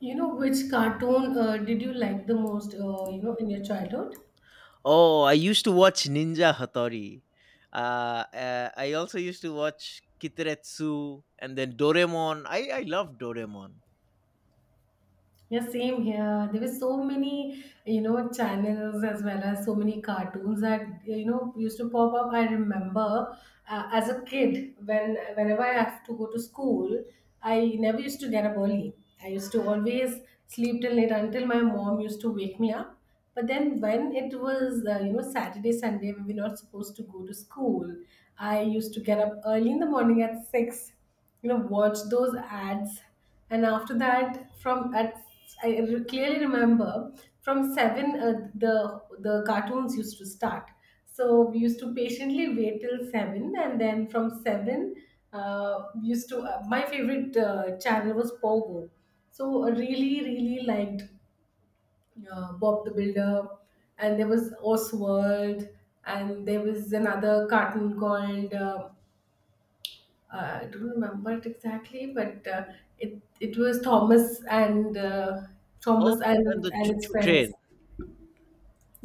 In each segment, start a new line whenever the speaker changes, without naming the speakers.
You know, which cartoon did you like the most, in your childhood?
Oh, I used to watch Ninja Hattori. I also used to watch Kitaretsu and then Doraemon. I love Doraemon.
Yeah, same here. There were so many, you know, channels as well as so many cartoons that you know used to pop up. I remember as a kid, whenever I have to go to school, I never used to get up early. I used to always sleep till late until my mom used to wake me up. But then when it was Saturday, Sunday, we were not supposed to go to school. I used to get up early in the morning at six, you know, watch those ads, and after that from at clearly remember from 7 the the cartoons used to start. So we used to patiently wait till 7, and then from 7 we used to my favorite channel was Pogo. So I really liked Bob the Builder, and there was Oswald, and there was another cartoon called I don't remember it exactly, but it was Thomas and
Oh,
Thomas and
and the Choo
its
Choo
friends.
Train.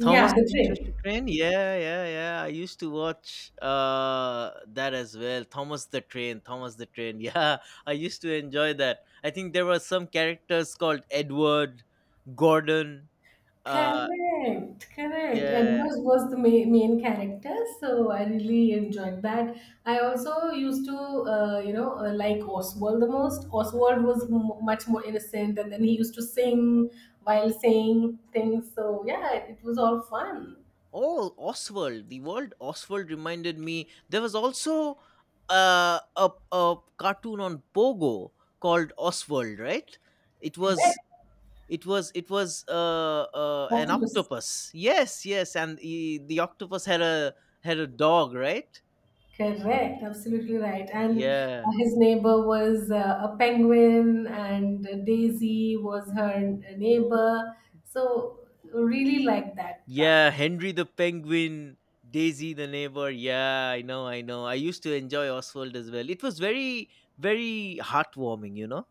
Thomas
the
and the Choo Choo
train.
Train. Yeah, yeah, yeah. I used to watch that as well. Thomas the Train. Thomas the Train. Yeah, I used to enjoy that. I think there were some characters called Edward, Gordon. Uh,
Correct, correct.
yeah,
Edward was the main character, so I really enjoyed that. I also used to, like Oswald the most. Oswald was much more innocent, and then he used to sing while saying things. So yeah, it was all fun.
Oh, Oswald. The world Oswald reminded me. There was also a cartoon on Pogo called Oswald, right? It was
Correct.
an
Octopus.
octopus. Yes, yes, and he, the octopus had a had a dog, right?
Correct, absolutely right. And
Yeah,
his neighbor was a penguin, and Daisy was her neighbor. So, really like that
yeah.
cartoon.
Henry the penguin, Daisy the neighbor. Yeah, I know, I know. I used to enjoy Oswald as well. It was very very heartwarming, you know.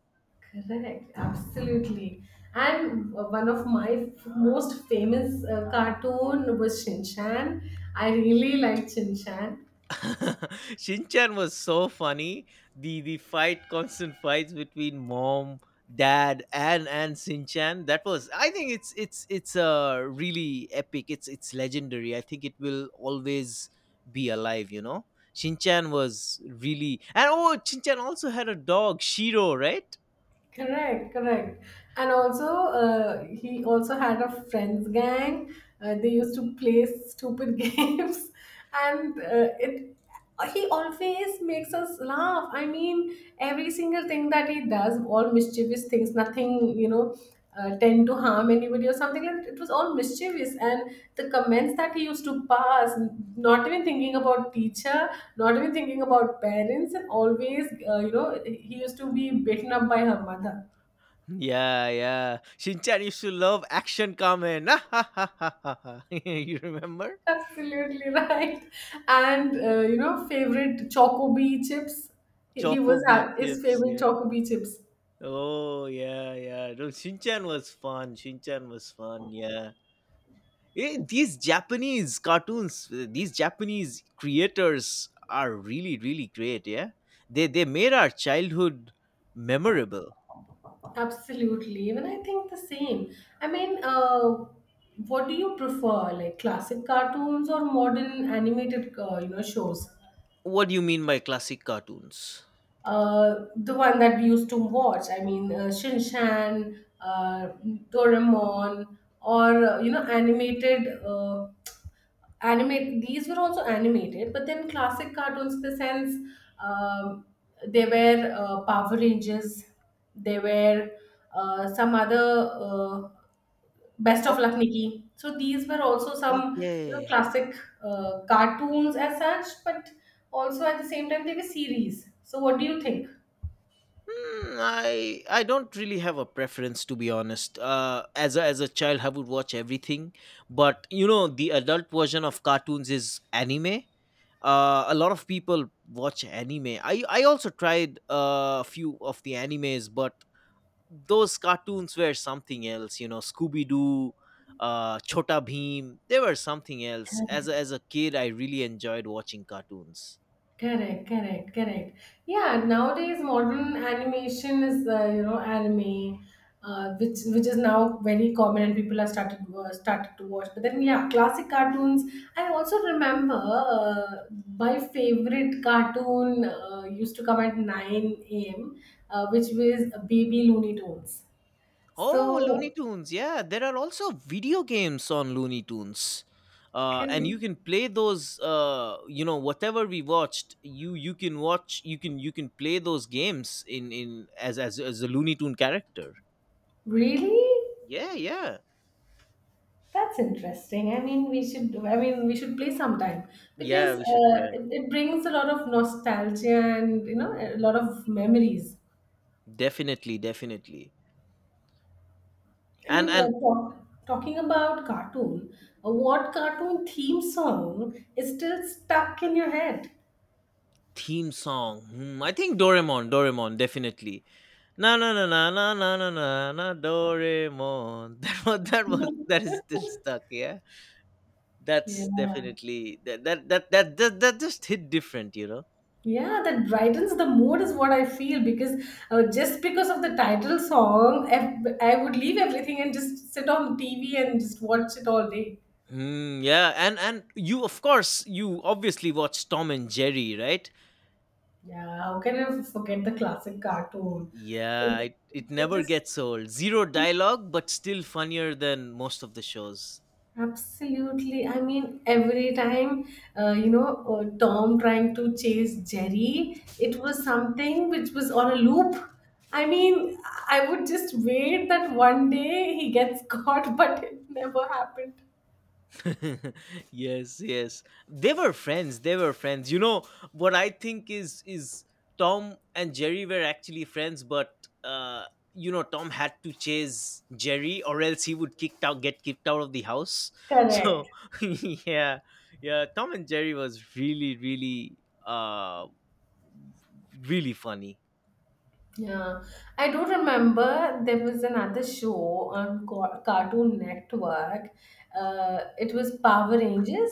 Correct, absolutely. And one of my most famous cartoon was Shin Chan. I really liked Shin Chan.
Shinchan was so funny. The fight, constant fights between mom, dad, and Shinchan. That was. I think it's really epic. It's legendary. I think it will always be alive. You know, Shinchan was really and oh, Shinchan also had a dog, Shiro, right?
Correct, correct. And also, he also had a friends gang. They used to play stupid games, and it. He always makes us laugh. I mean, every single thing that he does, all mischievous things, nothing, tend to harm anybody or something like that. It was all mischievous, and the comments that he used to pass, not even thinking about teacher, not even thinking about parents, and always, he used to be beaten up by her mother.
Yeah, yeah. Shinchan used to love action Kamen. you remember?
Absolutely right. And favorite Chocobee chips. He
Choco
was
V
ha His
chips,
favorite
yeah.
Chocobee chips.
Oh, yeah, yeah. No, Shinchan was fun. Shinchan was fun, yeah. These Japanese cartoons, these Japanese creators are really, really great, yeah. They made our childhood memorable.
Absolutely. Even I think the same. I mean, what do you prefer, like classic cartoons or modern animated, shows?
What do you mean by classic cartoons?
The one that we used to watch. I mean, Shin Chan, Doraemon, or animated. Animate These were also animated, but then classic cartoons in the sense um, there were Power Rangers, there were some other Best
Oh,
of Luck Nikki. So these were also some, you know,
okay.
classic cartoons as such, but also at the same time they were series. So what do you think?
I don't really have a preference to be honest. As a child, I would watch everything, but you know the adult version of cartoons is anime. A lot of people watch anime. I also tried a few of the animes, but those cartoons were something else. You know, Scooby Doo, Chota Bheem. They were something else. As a kid, I really enjoyed watching cartoons.
Correct, correct, correct. Yeah, nowadays modern animation is, anime, which is now very common, and people are started to watch. But then yeah, classic cartoons. I also remember my favorite cartoon used to come at nine a.m., which was Baby Looney Tunes.
Oh, Looney
So
Tunes. Yeah, there are also video games on Looney Tunes. And
correct.
you can play those whatever we watched you you can watch you can play those games in as a looney tune character.
Really?
Yeah, yeah,
That's interesting. I mean, we should. I mean, we should play sometime, because
yeah, we should try.
it brings a lot of nostalgia and you know a lot of memories.
Definitely, definitely.
I mean,
And
talking about cartoon, what cartoon theme song is still stuck in your head?
theme song. I think Doraemon, Doraemon definitely. Na na na na na na na na na Doraemon. That is still stuck, yeah. That's
Yeah.
definitely that just hit different, you know.
Yeah, that brightens the mood is what I feel, because just because of the title song, I would leave everything and just sit on TV and just watch it all day.
Yeah, and you of course you obviously watch Tom and Jerry, right?
Yeah, how can I forget the classic cartoon?
Yeah,
It,
it
it
never
is
gets old. Zero dialogue, but still funnier than most of the shows.
Absolutely, I mean, every time, Tom trying to chase Jerry, it was something which was on a loop. I mean, I would just wait that one day he gets caught, but it never happened.
yes, yes, they were friends, you know. What I think is Tom and Jerry were actually friends, but uh you know, Tom had to chase Jerry, or else he would kicked out get kicked out of the house. So
Correct.
yeah, yeah, Tom and Jerry was really really uh really funny,
Yeah, I do remember there was another show on Cartoon Network. It was Power Rangers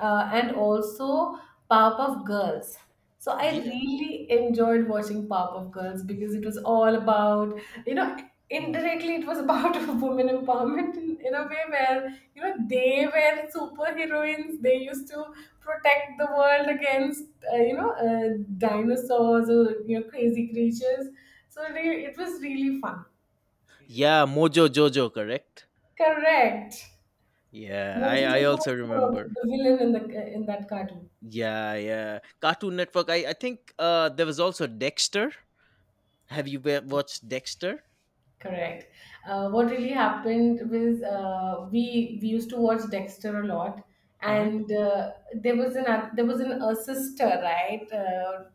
and also Powerpuff Girls. So I
yeah,
really enjoyed watching Powerpuff Girls, because it was all about, you know, indirectly it was about women empowerment, in a way where you know they were superheroines. They used to protect the world against dinosaurs or you know crazy creatures. So it was really fun.
yeah, Mojo Jojo, correct.
Correct.
Yeah, i
Mojo
i
Jojo was
also remember.
the villain in the in that cartoon.
Yeah, yeah. Cartoon Network. I think there was also Dexter. Have you watched Dexter?
Correct. What really happened was we used to watch Dexter a lot,
Hmm.
and there was an a sister, right?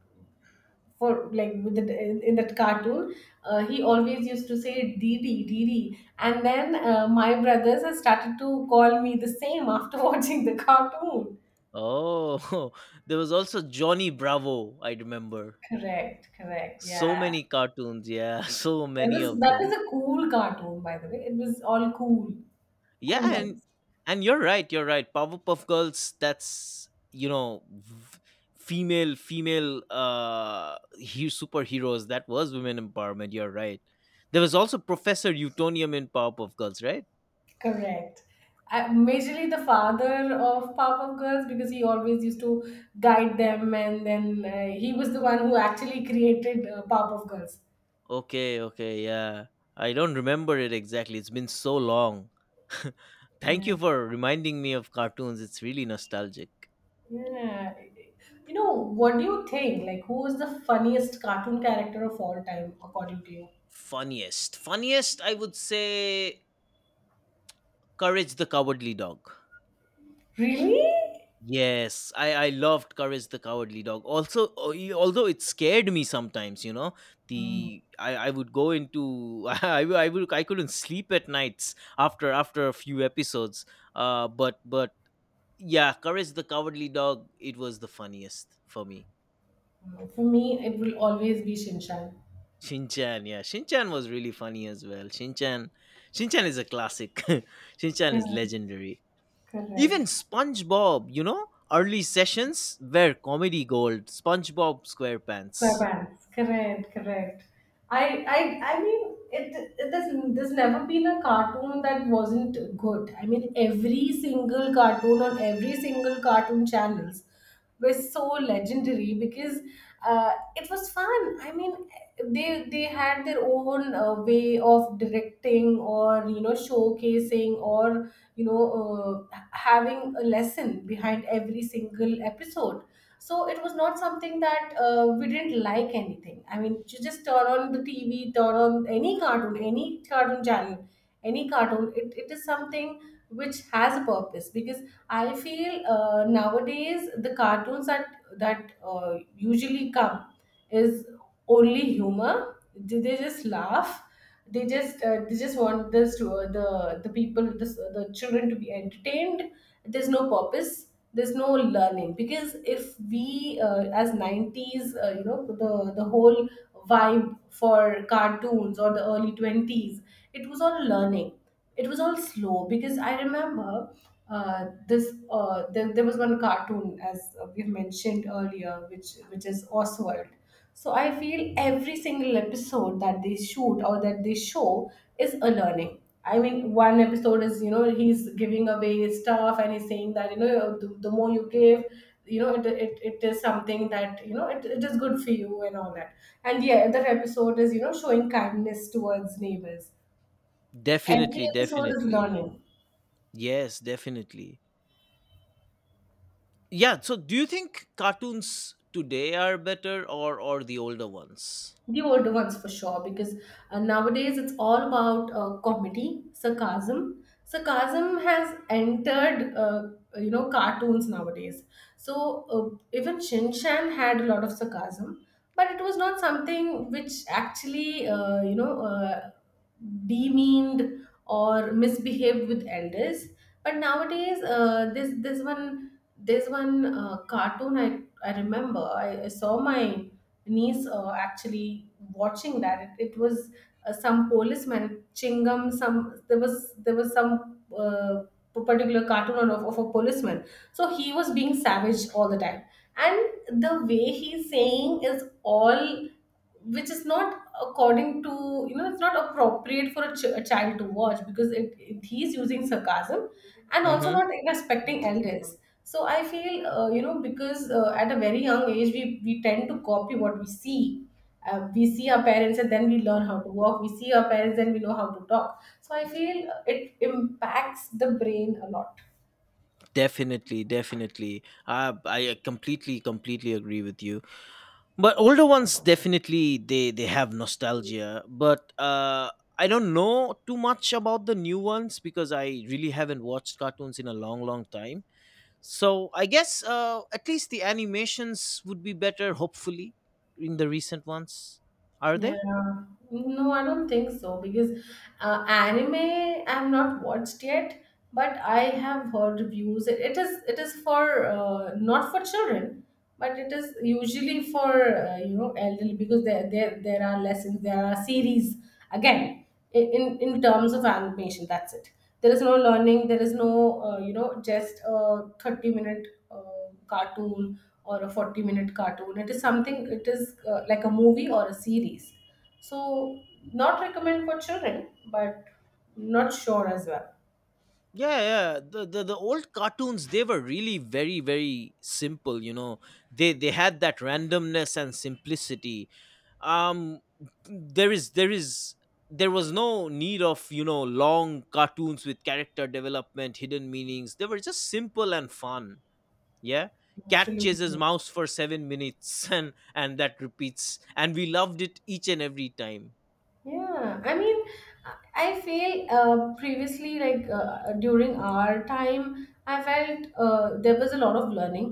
For like with the, in that cartoon, he always used to say dd dd, and then my brothers have started to call me the same after watching the cartoon.
Oh, there was also Johnny Bravo, I remember.
Correct, correct,
So
yeah.
many cartoons, yeah, so
that
many
was
of
that was
them.
a cool cartoon, by the way. It was all cool, cool
Yeah, and
ones.
you're right, you're right. Powerpuff Girls, that's you know, superheroes. That was women empowerment, you're right. There was also Professor Utonium in Powerpuff Girls, right?
Correct. Majorly the father of Powerpuff Girls, because he always used to guide them, and then he was the one who actually created Powerpuff Girls.
Okay, okay, yeah. I don't remember it exactly. It's been so long. Thank you
Yeah.
for reminding me of cartoons. It's really nostalgic.
Yeah. You know, what do you think? Like, who is the funniest cartoon character of all time, according to you?
Funniest. Funniest, I would say Courage the Cowardly Dog.
Really?
Yes, I loved Courage the Cowardly Dog. Also, although it scared me sometimes, you know,
Hmm.
the I would go into I would I couldn't sleep at nights after a few episodes. But yeah, Courage the Cowardly Dog, it was the funniest for me.
For me, it will always be Shinchan.
Shinchan, yeah. Shinchan was really funny as well. Shinchan is a classic. Shinchan is
Correct.
legendary. Even
Correct.
SpongeBob, you know, early sessions were comedy gold. SpongeBob SquarePants.
Correct, correct, correct. I mean, there's never been a cartoon that wasn't good. I mean, every single cartoon on every single cartoon channels were so legendary, because it was fun. I mean, they had their own way of directing, or you know showcasing, or you know having a lesson behind every single episode. So it was not something that we didn't like anything. I mean, you just turn on the TV, turn on any cartoon channel, any cartoon. It is something which has a purpose, because I feel nowadays the cartoons that usually come is only humor. They just laugh. They just want this to, the people, the children to be entertained. There's no purpose. There's no learning, because if we as 90s, you know, the whole vibe for cartoons or the early 20s, it was all learning, it was all slow, because I remember there was one cartoon, as we mentioned earlier, which is Oswald. So I feel
Mhm.
every single episode that they shoot or that they show is a learning. I mean, one episode is you know he's giving away stuff, and he's saying that you know the more you give, you know it is something that you know it is good for you and all that. And the other episode is you know showing kindness towards neighbors. Every
Definitely,
episode is
definitely.
learning.
Yes, definitely. Yeah, so do you think cartoons today are better or the older ones?
The older ones for sure, because nowadays it's all about comedy, sarcasm. Sarcasm has entered, cartoons nowadays. So even Shin Chan had a lot of sarcasm, but it was not something which actually, demeaned or misbehaved with elders. But nowadays this this one cartoon, I saw my niece actually watching that. It was some policeman Chingam. Some there was some Particular cartoon of a policeman. So he was being savage all the time, and the way he's saying is all, which is not according to, you know, it's not appropriate for a child to watch, because it he's using sarcasm and also
Mm-hmm.
not respecting elders. So I feel because at a very young age we tend to copy what we see. We see our parents and then we learn how to walk. We see our parents and we know how to talk. So I feel it impacts the brain a lot.
Definitely, definitely. I completely, completely agree with you. But older ones definitely they have nostalgia. But I don't know too much about the new ones because I really haven't watched cartoons in a long, long time. So I guess at least the animations would be better, hopefully, in the recent ones. Are they?
Yeah, no, I don't think so, because anime I've not watched yet, but I have heard reviews. It is for not for children, but it is usually for elderly, because there are lessons, there are series. Again, in terms of animation, that's it. There is no learning. There is no, just a 30 minute cartoon or a 40-minute cartoon. It is something. It is like a movie or a series, so not recommend for children, but not sure as well.
Yeah, yeah. The old cartoons they were really very very simple. You know, they had that randomness and simplicity. Um, there is there is there was no need of you know long cartoons with character development, hidden meanings. They were just simple and fun. Yeah, cat chases
Absolutely.
mouse for 7 minutes and that repeats, and we loved it each and every time.
Yeah, I mean, I feel previously, like during our time, I felt there was a lot of learning,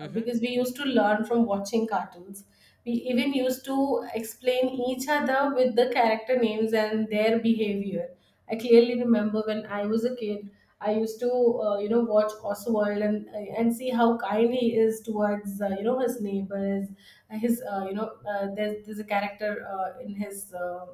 because we used to learn from watching cartoons. We even used to explain each other with the character names and their behavior. I clearly remember when I was a kid, I used to watch Oswald and and see how kind he is towards his neighbors. His you know there's a character in his. Uh,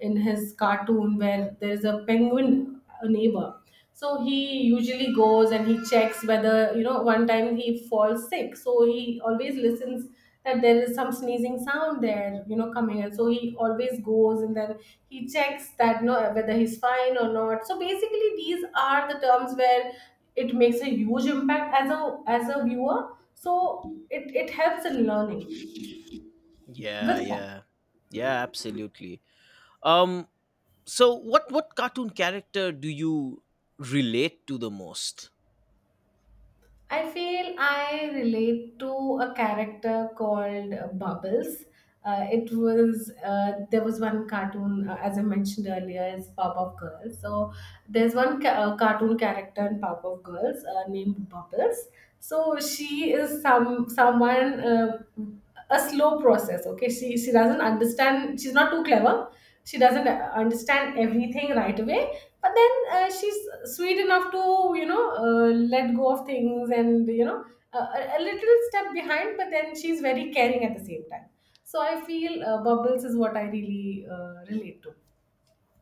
in his cartoon where there's a penguin, a neighbor, so he usually goes and he checks whether, you know, one time he falls sick, so he always listens that there is some sneezing sound there, you know, coming, and so he always goes and then he checks that, you know, whether he's fine or not. So basically these are the terms where it makes a huge impact as a viewer, so it helps in learning
Yeah,
with fun.
yeah, yeah. Absolutely. Um, So, what cartoon character do you relate to the most?
I feel I relate to a character called Bubbles. It was there was one cartoon, as I mentioned earlier, is Powerpuff Girls. So there's one cartoon character in Powerpuff Girls named Bubbles. So she is someone, a slow process. Okay, she doesn't understand, she's not too clever, she doesn't understand everything right away, but then she's sweet enough to, you know uh, let go of things, and, you know, a little step behind, but then she's very caring at the same time. So I feel Bubbles is what I really relate to.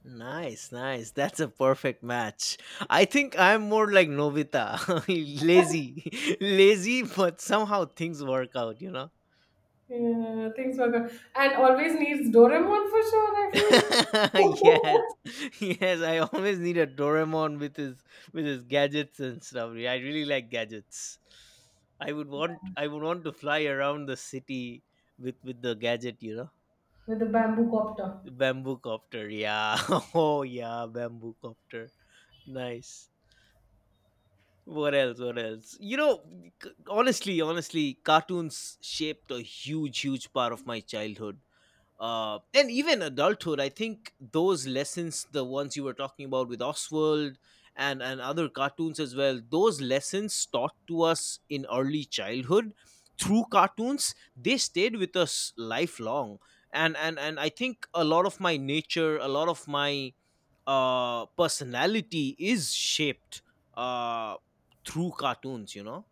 Nice, nice. That's a perfect match. I think I'm more like Novita, lazy, lazy, but somehow things work out. You know.
Yeah, things were good, and always needs Doraemon for sure, I
yes,
feel.
yes. I always need a Doraemon with his gadgets and stuff. Yeah, I really like gadgets. I would want to fly around the city with the gadget. You know.
With the bamboo copter.
Bamboo copter, yeah. Oh yeah, bamboo copter. Nice. What else? What else? You know, honestly, honestly, cartoons shaped a huge, huge part of my childhood and even adulthood. I think those lessons, the ones you were talking about with Oswald and other cartoons as well, those lessons taught to us in early childhood through cartoons they stayed with us lifelong. And I think a lot of my nature, a lot of my personality is shaped uh through cartoons, you know.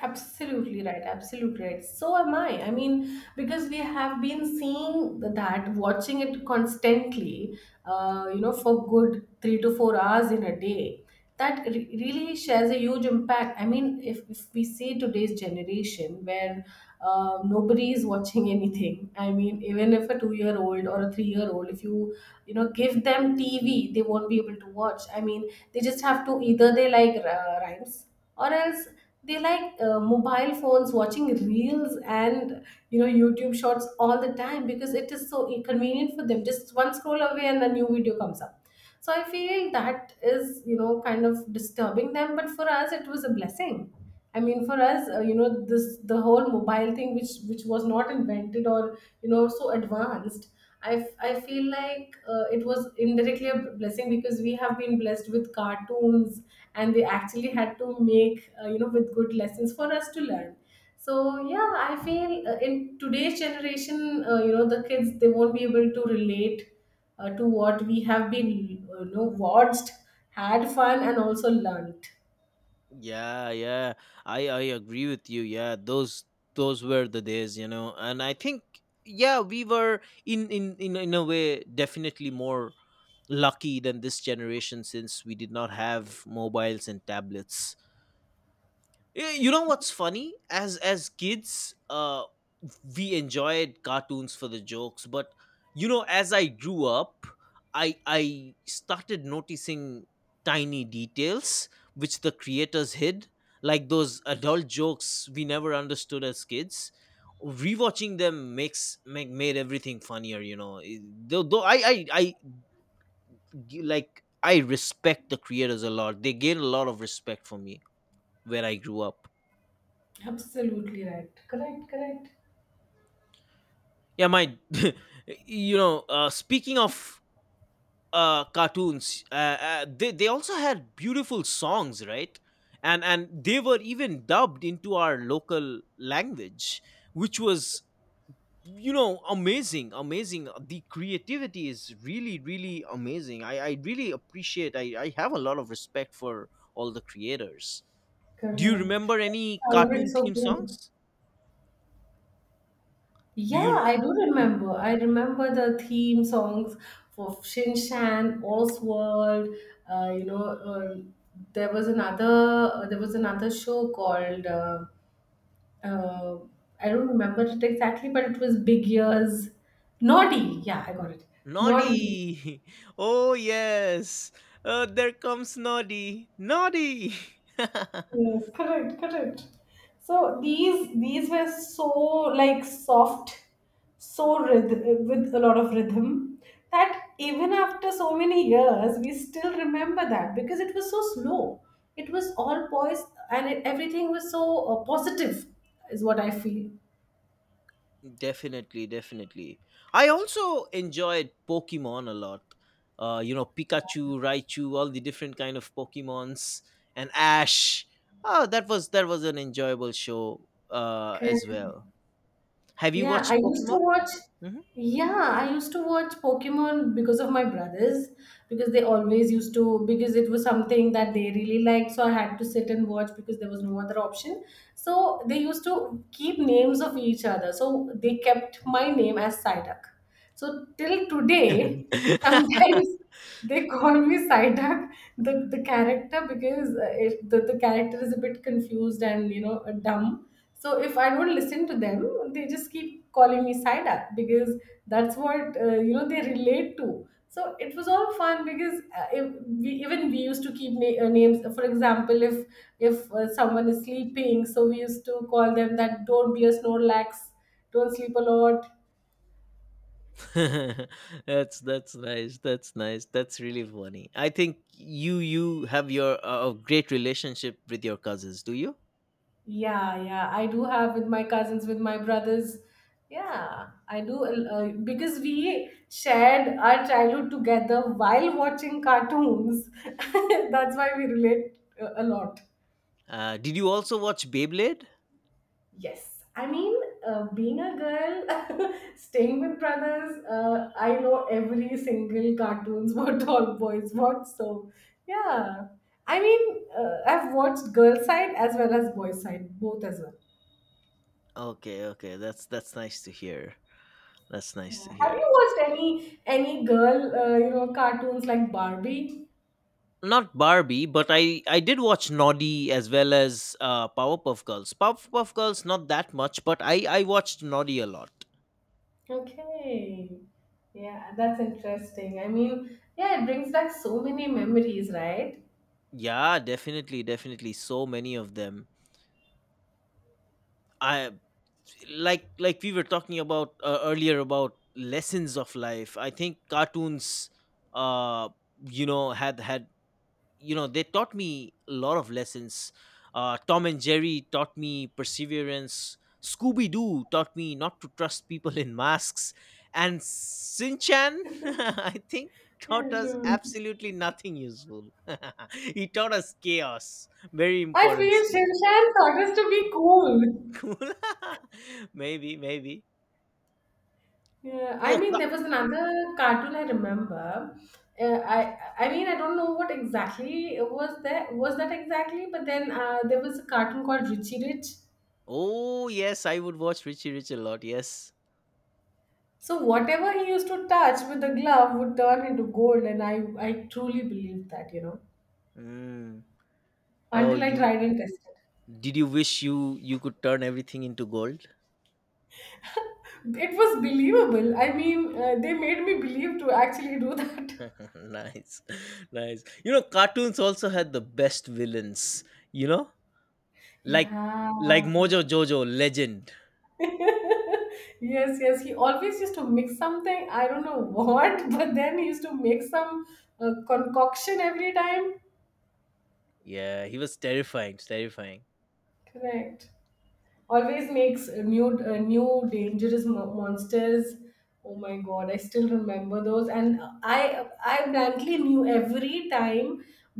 Absolutely right, absolutely right. So am I. I mean, because we have been seeing that, watching it constantly, for good 3 to 4 hours in a day, that really shares a huge impact. I mean, if we see today's generation where nobody is watching anything. I mean, even if a 2 year old or a 3 year old, if you, you know, give them TV, they won't be able to watch. I mean, they just have to, either they like rhymes or else they like mobile phones, watching reels and, you know, YouTube shorts all the time, because it is so convenient for them, just one scroll away and a new video comes up. So I feel that is, you know, kind of disturbing them, but for us it was a blessing. I mean, for us, this, the whole mobile thing, which was not invented or, you know, so advanced. I feel like it was indirectly a blessing, because we have been blessed with cartoons and they actually had to make, with good lessons for us to learn. So yeah, I feel, in today's generation, the kids, they won't be able to relate to what we have been, watched, had fun, and also learnt.
Yeah, yeah. I agree with you. Yeah, those were the days, you know. And I think yeah, we were in a way definitely more lucky than this generation since we did not have mobiles and tablets. You know what's funny, as kids we enjoyed cartoons for the jokes, but you know as I grew up I started noticing tiny details which the creators hid, like those adult jokes we never understood as kids. Rewatching them made everything funnier, you know. Though I like I respect the creators a lot, they gained a lot of respect for me where I grew up.
Absolutely right. Correct, correct,
Yeah, my, you know, speaking of cartoons, they also had beautiful songs, right? And they were even dubbed into our local language, which was you know amazing, amazing. The creativity is really, really amazing. I really appreciate. I have a lot of respect for all the creators. Do you
correct.
remember any
Sounded
cartoon
so
theme
cool.
songs? Do
Yeah,
you?
I do
Hmm?
remember. I remember the theme songs for Shin Chan, Oswald. You know, there was another show called, uh, I don't remember it exactly, but it was Big Ears. Naughty. Yeah, I got it. Naughty.
Noddy! Oh, yes! There comes Noddy! Noddy!
Yes, correct, correct. So these were so like soft, so rhythm, with a lot of rhythm, that even after so many years we still remember that, because it was so slow. It was all poised and, everything was so positive, is what I feel.
definitely, definitely. I also enjoyed Pokemon a lot. You know, Pikachu, Raichu, all the different kind of Pokemons, and Ash. Oh, that was an enjoyable show as well. Have you
Yeah, I
watched
used to
Pokemon?
watch. Yeah, I used to watch Pokemon because of my brothers, because they always used to, because it was something that they really liked. So I had to sit and watch because there was no other option. So they used to keep names of each other. So they kept my name as Psyduck. So till
Mhm.
today, sometimes they call me Psyduck, the character, because the character is a bit confused and, you know, dumb, so if I don't listen to them, they just keep calling me Saida, because that's what, they relate to. So it was all fun, because if we, even we used to keep names. For example, if someone is sleeping, so we used to call them that, don't be a snorlax, don't sleep a lot.
That's nice, that's nice, that's really funny. I think you have your a great relationship with your cousins, do you?
Yeah, yeah, I do, have with my cousins, with my brothers. Yeah, I do, because we shared our childhood together while watching cartoons. That's why we relate a lot.
Did you also watch Beyblade?
Yes, I mean, being a girl, staying with brothers, I know every single cartoons what all boys watch. So, yeah, I mean, I've watched girl side as well as boy side, both as well.
Okay, okay, that's nice to hear, that's nice
Yeah.
to
Have you
hear.
watched any girl, cartoons like Barbie?
Not Barbie, but I did watch Noddy as well as Powerpuff Girls. Powerpuff Girls not that much, but I watched Noddy a lot.
Okay. Yeah, that's interesting. I mean, yeah, it brings back so many memories, right?
Yeah, definitely, definitely, so many of them. I like we were talking about earlier about lessons of life. I think cartoons, uh, you know, had you know they taught me a lot of lessons. Tom and Jerry taught me perseverance. Scooby Doo taught me not to trust people in masks, and Sinchan, I think,
Yeah,
taught us
true.
absolutely nothing useful. he taught us chaos, very
I
important
feel
skill.
Shinshan taught us to be cool.
Cool, maybe, maybe.
Yeah, I
Oh,
mean,
Ka-
there was another cartoon I remember. I mean, I don't know what exactly was that exactly, but then there was a cartoon called Richie Rich.
oh yes, I would watch Richie Rich a lot. Yes.
So whatever he used to touch with the glove would turn into gold, and I truly believed that, you know,
Mm. Oh,
until I
you
tried and tested.
did you wish you could turn everything into gold?
It was believable. I mean, they made me believe to actually do that.
nice, nice. You know, cartoons also had the best villains. You know, like
Yeah.
Mojo Jojo, legend.
Yes, yes. He always used to mix something. I don't know what, but then he used to make some concoction every time.
Yeah, he was terrifying, terrifying.
Correct. Always makes new, new dangerous monsters. Oh my God, I still remember those, and I blankly knew every time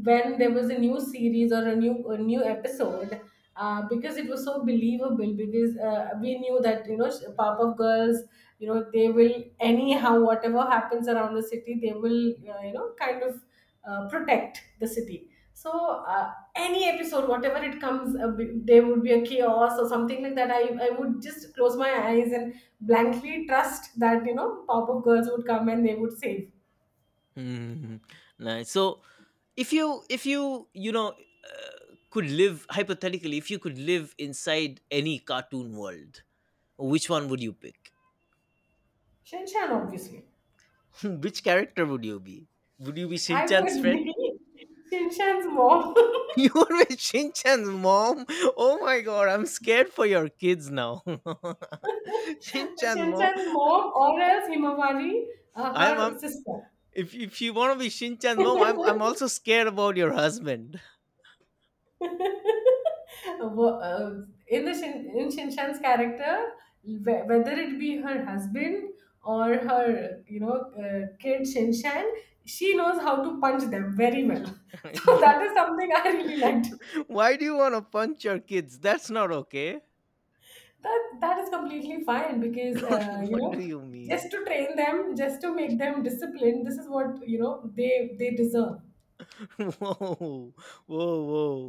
when there was a new series or a new, a new episode, because it was so believable, because we knew that, you know, pop up girls, you know, they will anyhow, whatever happens around the city, they will, kind of, protect the city. So, any episode, whatever it comes, there would be a chaos or something like that. I would just close my eyes and blankly trust that, you know, pop-up girls would come and they would save.
Hmm. Nice. So, if you you know could live hypothetically, if you could live inside any cartoon world, which one would you pick?
Shinshan, obviously.
Which character would you be? Would you be
I would
Shinchan's friend?
be Shinshan's mom.
You would be Shinchan's mom. Oh my god, I'm scared for your kids now. Shinchan's mom.
Shinshan's mom, or else Himawari,
I'm, I
her sister.
if you want to be Shinchan's mom, I'm also scared about your husband.
Wo- uh, in Shinshan's character, whether it be her husband or her, you know, kid Shinshan, she knows how to punch them very well. So
you.
that is something I really liked.
Why do you want to punch your kids? That's not okay.
That, that is completely fine, because,
Don't, what do you mean?
just to train them, just to make them disciplined. This is what, you know, they deserve.
Whoa, whoa,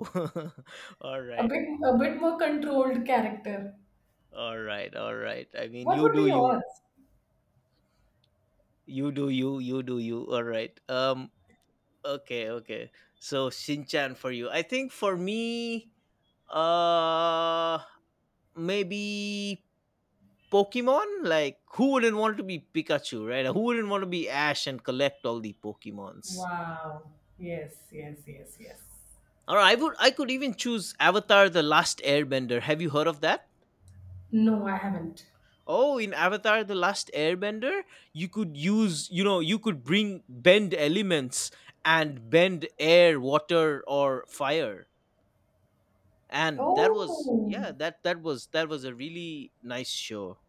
whoa. all
A
right,
bit, a bit more controlled character.
all right, all right. I mean,
What would be yours?
you do you. All right. Okay, okay. So Shinchan for you. I think for me, uh, maybe Pokemon. Like, who wouldn't want to be Pikachu, right? Who wouldn't want to be Ash and collect all the Pokemons?
Wow. Yes, yes, yes, yes.
Or I could even choose Avatar the Last Airbender. Have you heard of that?
No, I haven't.
Oh, in Avatar the Last Airbender, you could use, you know, you could bring bend elements and bend air, water or fire. And that was
Oh,
yeah, that was a really nice show.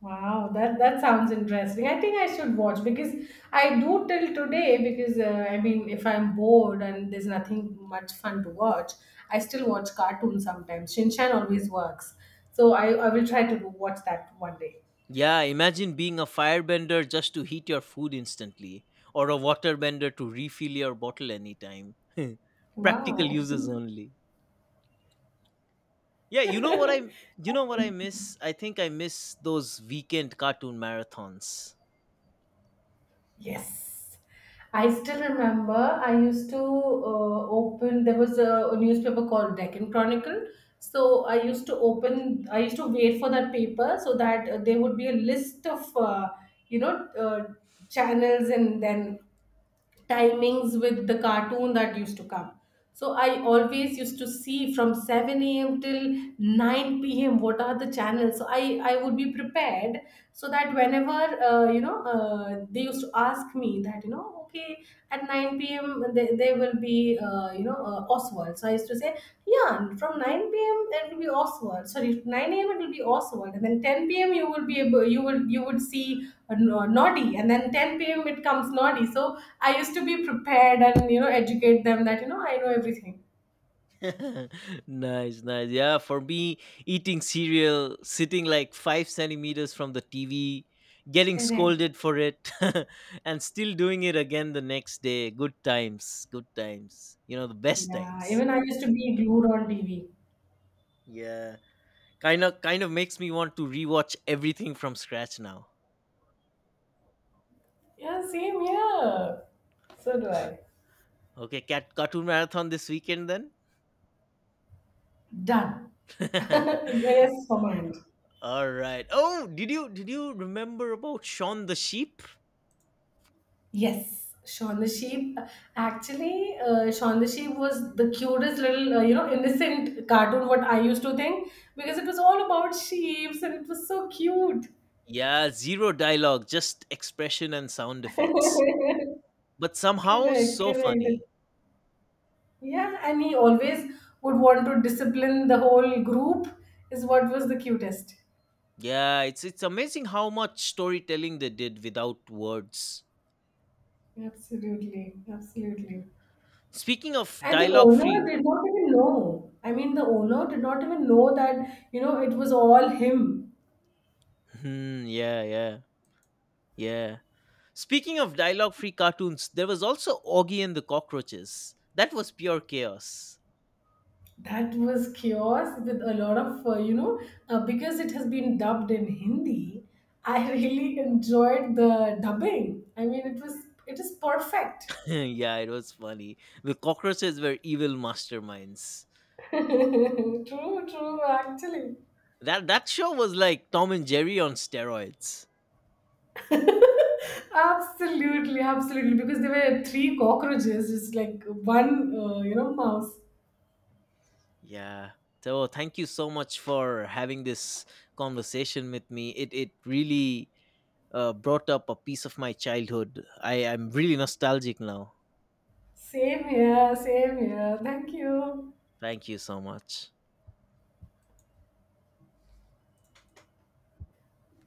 wow. That, that sounds interesting. I think I should watch, because I do till today, because I mean, if I'm bored and there's nothing much fun to watch, I still watch cartoons sometimes. Shinchan always works. So I will try to watch that one day.
Yeah, imagine being a firebender just to heat your food instantly or a waterbender to refill your bottle anytime. Practical
Wow.
uses only. Yeah, you know what I miss? I think I miss those weekend cartoon marathons.
Yes. I still remember I used to open, there was a newspaper called Deccan Chronicle. So I used to open, I used to wait for that paper so that, there would be a list of, you know, uh, channels, and then timings with the cartoon that used to come. So I always used to see from 7 a.m. till 9 p.m. what are the channels. So I would be prepared, so that whenever, they used to ask me that, you know, okay, at 9 p.m. there, there will be, Oswald. So I used to say, yeah, from 9 p.m. it will be Oswald. Sorry, 9 a.m. it will be Oswald, and then 10 p.m. you will be able, you would see Noddy, and then 10 p.m. it comes Noddy. So I used to be prepared and, you know, educate them that, you know, I know everything.
nice, nice. Yeah, for me, eating cereal, sitting like 5 centimeters from the TV, getting
Correct.
scolded for it, and still doing it again the next day. Good times, good times. You know, the best
Yeah,
times.
even I used to be glued on TV.
Yeah, kind of makes me want to rewatch everything from scratch now.
Yeah, same here. So do I.
Okay, cat cartoon marathon this weekend
Done.
then.
Yes, command.
All right. Oh, did you remember about Shaun the Sheep?
Yes, Shaun the Sheep. Actually, Shaun the Sheep was the cutest little, innocent cartoon. What I used to think, because it was all about sheep and it was so cute.
Yeah, zero dialogue, just expression and sound effects. But somehow
Correct,
so
correct.
funny.
Yeah, and he always would want to discipline the whole group. Is what was the cutest.
Yeah, it's amazing how much storytelling they did without words.
Absolutely, absolutely.
Speaking of
And the
dialogue
owner
free,
did not even know. I mean, the owner did not even know that, you know, it was all him.
hmm, yeah, yeah, yeah. Speaking of dialogue free cartoons, there was also Augie and the Cockroaches. That was pure chaos.
That was chaos with a lot of, because it has been dubbed in Hindi. I really enjoyed the dubbing. I mean, it is perfect.
yeah, it was funny. The cockroaches were evil masterminds.
True, true, actually.
That that show was like Tom and Jerry on steroids.
Absolutely, absolutely. Because there were 3 cockroaches, just like one, mouse.
Yeah. So thank you so much for having this conversation with me. It really brought up a piece of my childhood. I am really nostalgic now.
Same here, same here. Thank you.
Thank you so much.